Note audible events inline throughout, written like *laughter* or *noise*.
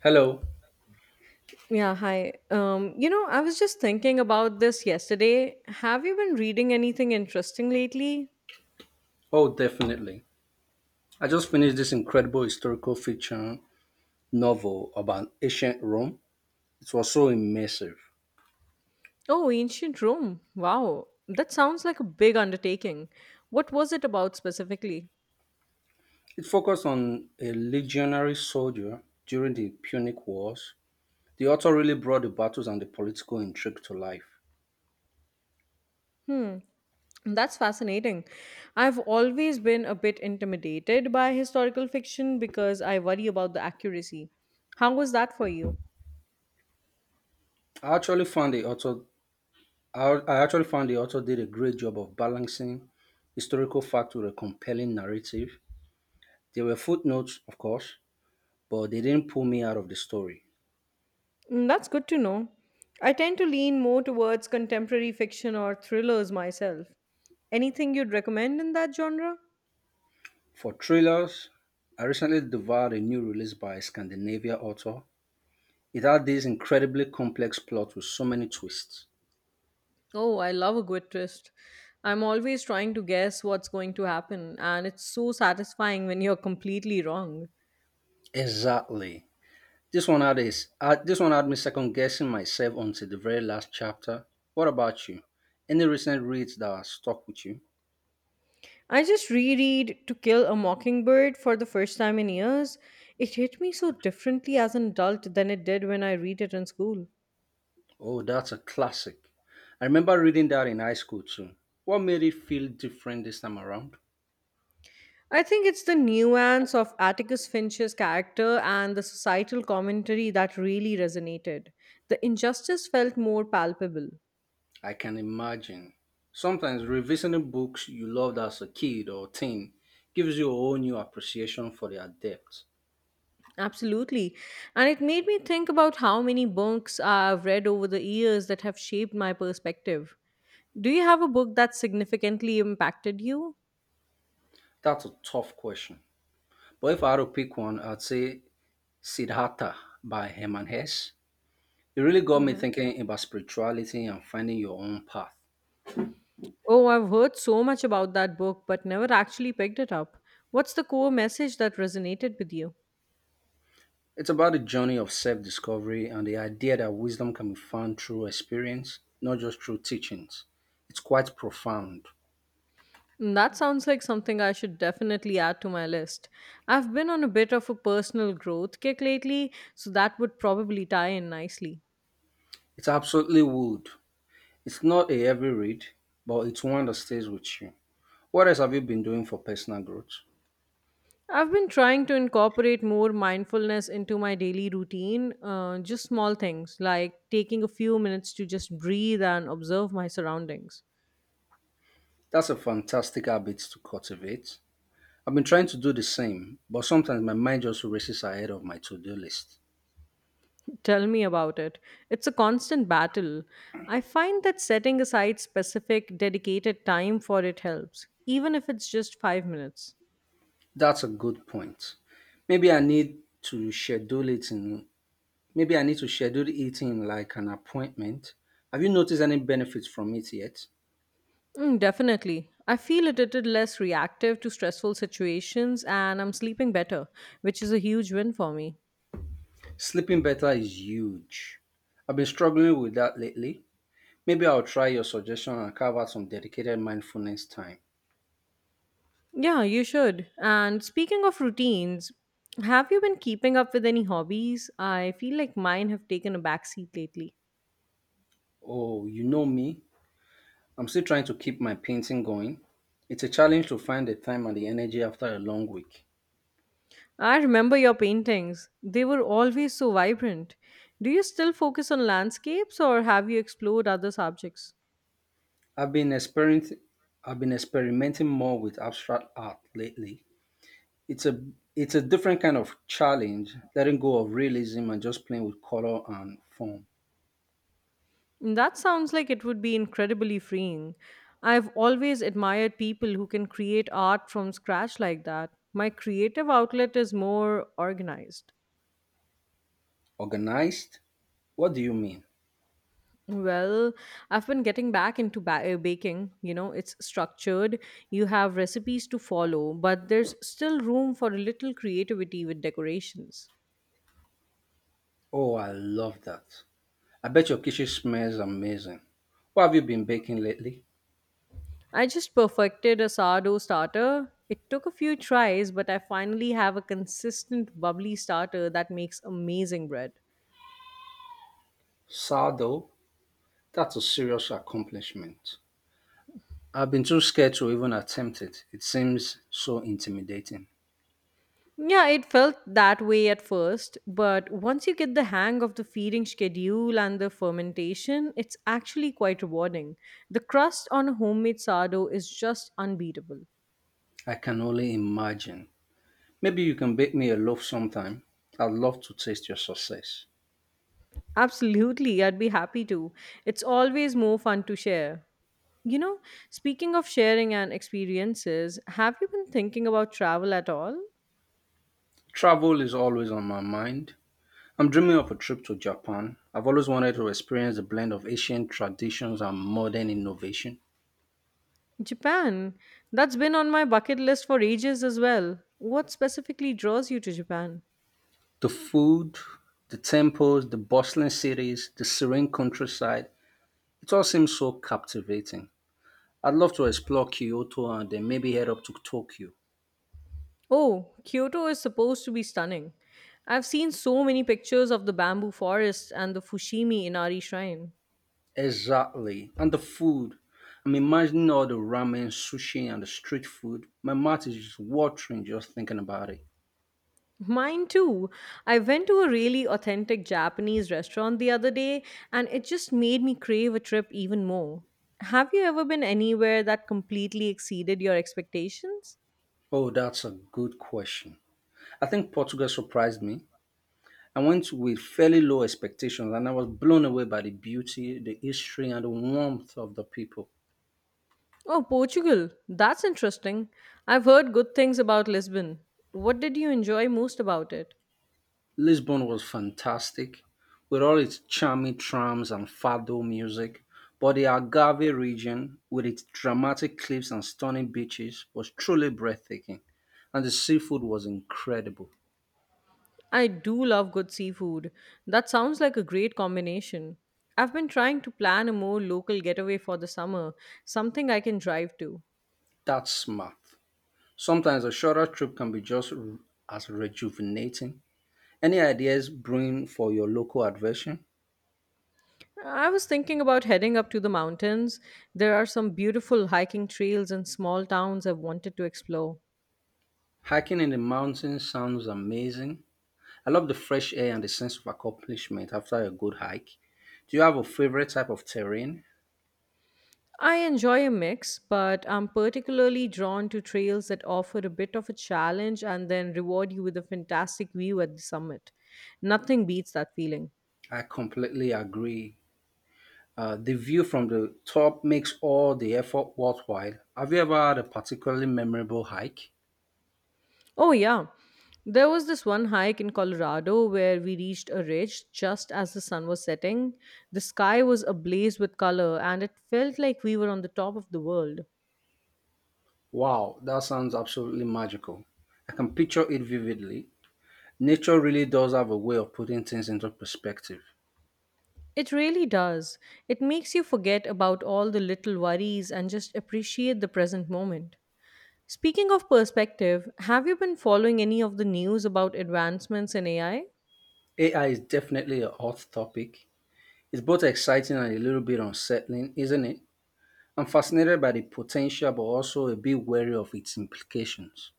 Hello. Yeah, hi. I was just thinking about this yesterday. Have you been reading anything interesting lately? Oh, definitely. I just finished this incredible historical fiction novel about ancient Rome. It was so immersive. Oh, ancient Rome. Wow. That sounds like a big undertaking. What was it about specifically? It focused on a legionary soldier during the Punic Wars. The author really brought the battles and the political intrigue to life. Hmm, that's fascinating. I've always been a bit intimidated by historical fiction because I worry about the accuracy. How was that for you? I actually found the author I I actually found the author did a great job of balancing historical fact with a compelling narrative. There were footnotes, of course, but they didn't pull me out of the story. Mm, that's good to know. I tend to lean more towards contemporary fiction or thrillers myself. Anything you'd recommend in that genre? For thrillers, I recently devoured a new release by a Scandinavian author. It had this incredibly complex plot with so many twists. Oh, I love a good twist. I'm always trying to guess what's going to happen, and it's so satisfying when you're completely wrong. Exactly. This one had me second guessing myself until the very last chapter. What about you? Any recent reads that have stuck with you? I just reread To Kill a Mockingbird for the first time in years. It hit me so differently as an adult than it did when I read it in school. Oh, that's a classic. I remember reading that in high school too. What made it feel different this time around? I think it's the nuance of Atticus Finch's character and the societal commentary that really resonated. The injustice felt more palpable. I can imagine. Sometimes revisiting books you loved as a kid or teen gives you a whole new appreciation for their depth. Absolutely. And it made me think about how many books I've read over the years that have shaped my perspective. Do you have a book that significantly impacted you? That's a tough question. But if I had to pick one, I'd say Siddhartha by Herman Hesse. It really got me Hmm. thinking about spirituality and finding your own path. Oh, I've heard so much about that book, but never actually picked it up. What's the core message that resonated with you? It's about the journey of self discovery and the idea that wisdom can be found through experience, not just through teachings. It's quite profound. Mm, that sounds like something I should definitely add to my list. I've been on a bit of a personal growth kick lately, so that would probably tie in nicely. It absolutely would. It's not a heavy read, but it's one that stays with you. What else have you been doing for personal growth? I've been trying to incorporate more mindfulness into my daily routine, just small things like taking a few minutes to just breathe and observe my surroundings. That's a fantastic habit to cultivate. I've been trying to do the same, but sometimes my mind just races ahead of my to do list. *laughs* Tell me about it. It's a constant battle. I find that setting aside specific, dedicated time for it helps, even if it's just 5 minutes. That's a good point. Maybe I need to schedule it in. Maybe I need to schedule it in like an appointment. Have you noticed any benefits from it yet? Mm, definitely. I feel a little less reactive to stressful situations and I'm sleeping better, which is a huge win for me. Sleeping better is huge. I've been struggling with that lately. Maybe I'll try your suggestion and carve out some dedicated mindfulness time. Yeah, you should. And speaking of routines, have you been keeping up with any hobbies? I feel like mine have taken a backseat lately. Oh, you know me. I'm still trying to keep my painting going. It's a challenge to find the time and the energy after a long week. I remember your paintings. They were always so vibrant. Do you still focus on landscapes or have you explored other subjects? I've been experiencing I've been experimenting more with abstract art lately. It's a it's a different kind of challenge, letting go of realism and just playing with color and form. That sounds like it would be incredibly freeing. I've always admired people who can create art from scratch like that. My creative outlet is more organized. Organized? What do you mean? Well, I've been getting back into baking. It's structured, you have recipes to follow, but there's still room for a little creativity with decorations. Oh, I love that. I bet your kitchen smells amazing. What have you been baking lately? I just perfected a sourdough starter. It took a few tries, but I finally have a consistent, bubbly starter that makes amazing bread. Sardo, that's a serious accomplishment. I've been too scared to even attempt it. It seems so intimidating. Yeah, it felt that way at first, but once you get the hang of the feeding schedule and the fermentation, it's actually quite rewarding. The crust on a homemade sourdough is just unbeatable. I can only imagine. Maybe you can bake me a loaf sometime. I'd love to taste your success. Absolutely, I'd be happy to. It's always more fun to share. You know, speaking of sharing and experiences, have you been thinking about travel at all? Travel is always on my mind. I'm dreaming of a trip to Japan. I've always wanted to experience the blend of ancient traditions and modern innovation. Japan. That's been on my bucket list for ages as well. What specifically draws you to Japan? The food, the temples, the bustling cities, the serene countryside, it all seems so captivating. I'd love to explore Kyoto and then maybe head up to Tokyo. Oh, Kyoto is supposed to be stunning. I've seen so many pictures of the bamboo forest and the Fushimi Inari shrine. Exactly. And the food. I'm imagining all the ramen, sushi, and the street food. My mouth is just watering just thinking about it. Mine too. I went to a really authentic Japanese restaurant the other day and it just made me crave a trip even more. Have you ever been anywhere that completely exceeded your expectations? Oh, that's a good question. I think Portugal surprised me. I went with fairly low expectations and I was blown away by the beauty, the history, and the warmth of the people. Oh, Portugal. That's interesting. I've heard good things about Lisbon. What did you enjoy most about it? Lisbon was fantastic, with all its charming trams and fado music, but the Algarve region, with its dramatic cliffs and stunning beaches, was truly breathtaking, and the seafood was incredible. I do love good seafood. That sounds like a great combination. I've been trying to plan a more local getaway for the summer, something I can drive to. That's smart. Sometimes a shorter trip can be just as rejuvenating. Any ideas brewing for your local adventure? I was thinking about heading up to the mountains. There are some beautiful hiking trails and small towns I've wanted to explore. Hiking in the mountains sounds amazing. I love the fresh air and the sense of accomplishment after a good hike. Do you have a favorite type of terrain? I enjoy a mix, but I'm particularly drawn to trails that offer a bit of a challenge and then reward you with a fantastic view at the summit. Nothing beats that feeling. I completely agree. The view from the top makes all the effort worthwhile. Have you ever had a particularly memorable hike? Oh, yeah. There was this one hike in Colorado where we reached a ridge just as the sun was setting. The sky was ablaze with color, and it felt like we were on the top of the world. Wow, that sounds absolutely magical. I can picture it vividly. Nature really does have a way of putting things into perspective. It really does. It makes you forget about all the little worries and just appreciate the present moment. Speaking of perspective, have you been following any of the news about advancements in AI? AI is definitely a hot topic. It's both exciting and a little bit unsettling, isn't it? I'm fascinated by the potential, but also a bit wary of its implications.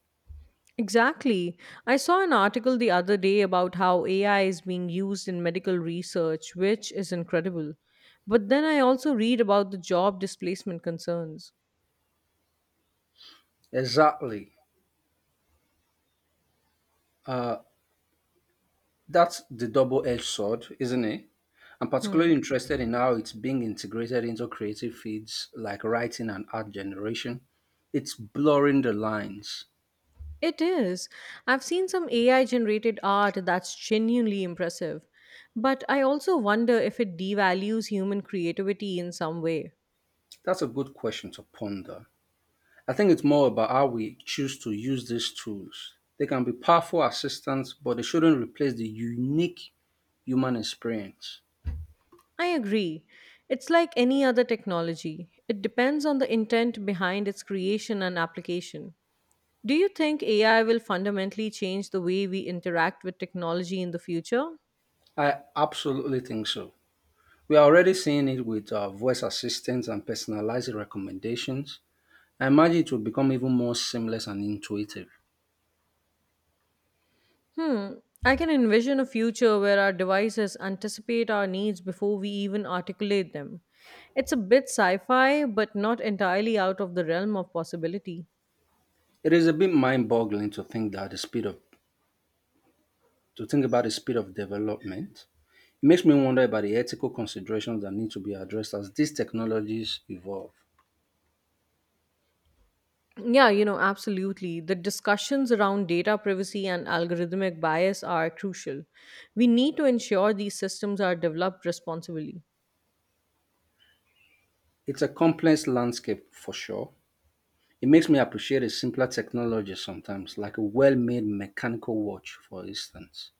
Exactly. I saw an article the other day about how AI is being used in medical research, which is incredible. But then I also read about the job displacement concerns. Exactly. That's the double edged sword, isn't it? I'm Hmm. particularly interested in how it's being integrated into creative fields like writing and art generation. It's blurring the lines. It is. I've seen some AI generated art that's genuinely impressive. But I also wonder if it devalues human creativity in some way. That's a good question to ponder. I think it's more about how we choose to use these tools. They can be powerful assistants, but they shouldn't replace the unique human experience. I agree. It's like any other technology, it depends on the intent behind its creation and application. Do you think AI will fundamentally change the way we interact with technology in the future? I absolutely think so. We are already seeing it with our voice assistants and personalized recommendations. I imagine it will become even more seamless and intuitive. Hmm, I can envision a future where our devices anticipate our needs before we even articulate them. It's a bit sci fi, but not entirely out of the realm of possibility. It is a bit mind-boggling to think about the speed of development. It makes me wonder about the ethical considerations that need to be addressed as these technologies evolve. Absolutely. The discussions around data privacy and algorithmic bias are crucial. We need to ensure these systems are developed responsibly. It's a complex landscape for sure. It makes me appreciate a simpler technology sometimes, like a well-made mechanical watch, for instance.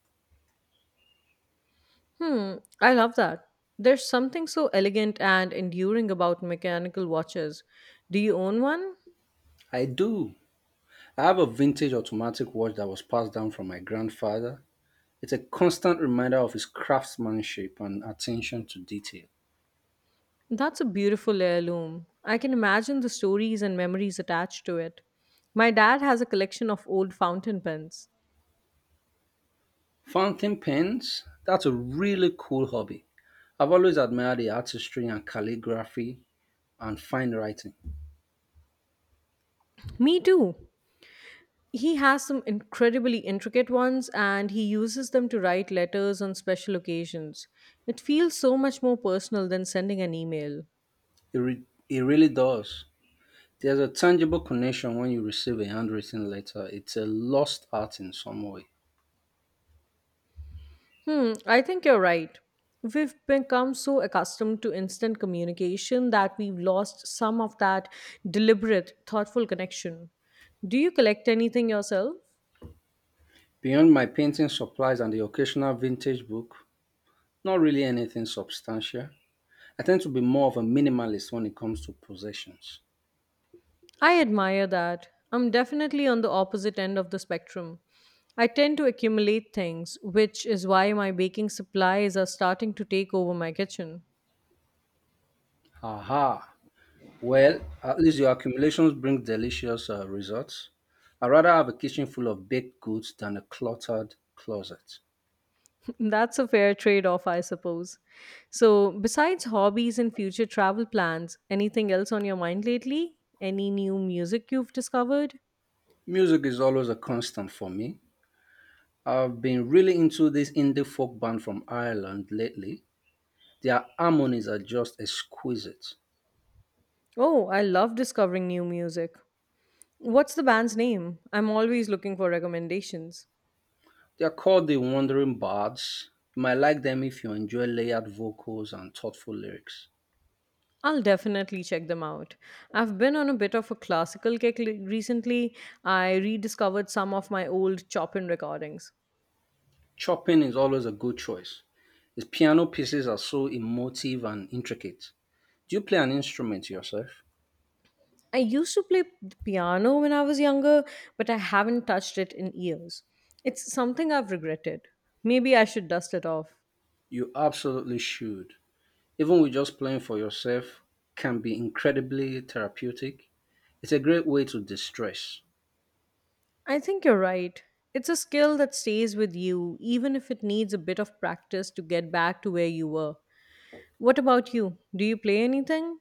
Hmm, I love that. There's something so elegant and enduring about mechanical watches. Do you own one? I do. I have a vintage automatic watch that was passed down from my grandfather. It's a constant reminder of his craftsmanship and attention to detail. That's a beautiful heirloom. I can imagine the stories and memories attached to it. My dad has a collection of old fountain pens. Fountain pens, that's a really cool hobby. I've always admired the artistry and calligraphy and fine writing. Me too. He has some incredibly intricate ones and he uses them to write letters on special occasions. It feels so much more personal than sending an email. It, re- it really does. There's a tangible connection when you receive a handwritten letter. It's a lost art in some way. Hmm, I think you're right. We've become so accustomed to instant communication that we've lost some of that deliberate, thoughtful connection. Do you collect anything yourself? Beyond my painting supplies and the occasional vintage book, not really anything substantial. I tend to be more of a minimalist when it comes to possessions. I admire that. I'm definitely on the opposite end of the spectrum. I tend to accumulate things, which is why my baking supplies are starting to take over my kitchen. Aha. Well, at least your accumulations bring delicious results. I'd rather have a kitchen full of baked goods than a cluttered closet. *laughs* That's a fair trade off, I suppose. So, besides hobbies and future travel plans, anything else on your mind lately? Any new music you've discovered? Music is always a constant for me. I've been really into this indie folk band from Ireland lately. Their harmonies are just exquisite. Oh, I love discovering new music. What's the band's name? I'm always looking for recommendations. They're called the Wandering Bards. You might like them if you enjoy layered vocals and thoughtful lyrics. I'll definitely check them out. I've been on a bit of a classical kick recently. I rediscovered some of my old Chopin recordings. Chopin is always a good choice. His piano pieces are so emotive and intricate. Do you play an instrument yourself? I used to play the piano when I was younger, but I haven't touched it in years. It's something I've regretted. Maybe I should dust it off. You absolutely should. Even with just playing for yourself can be incredibly therapeutic. It's a great way to distress. I think you're right. It's a skill that stays with you, even if it needs a bit of practice to get back to where you were. What about you? Do you play anything?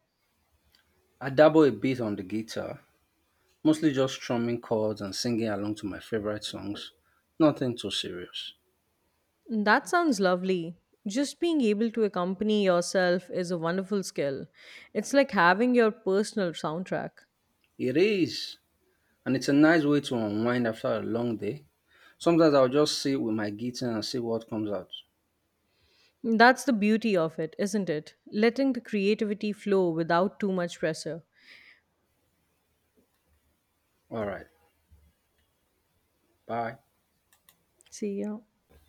I dabble a bit on the guitar, mostly just strumming chords and singing along to my favorite songs. Nothing too serious. That sounds lovely. Just being able to accompany yourself is a wonderful skill. It's like having your personal soundtrack. It is, and it's a nice way to unwind after a long day. Sometimes I'll just sit with my guitar and see what comes out. That's the beauty of it, isn't it? Letting the creativity flow without too much pressure. All right. Bye. See, yeah.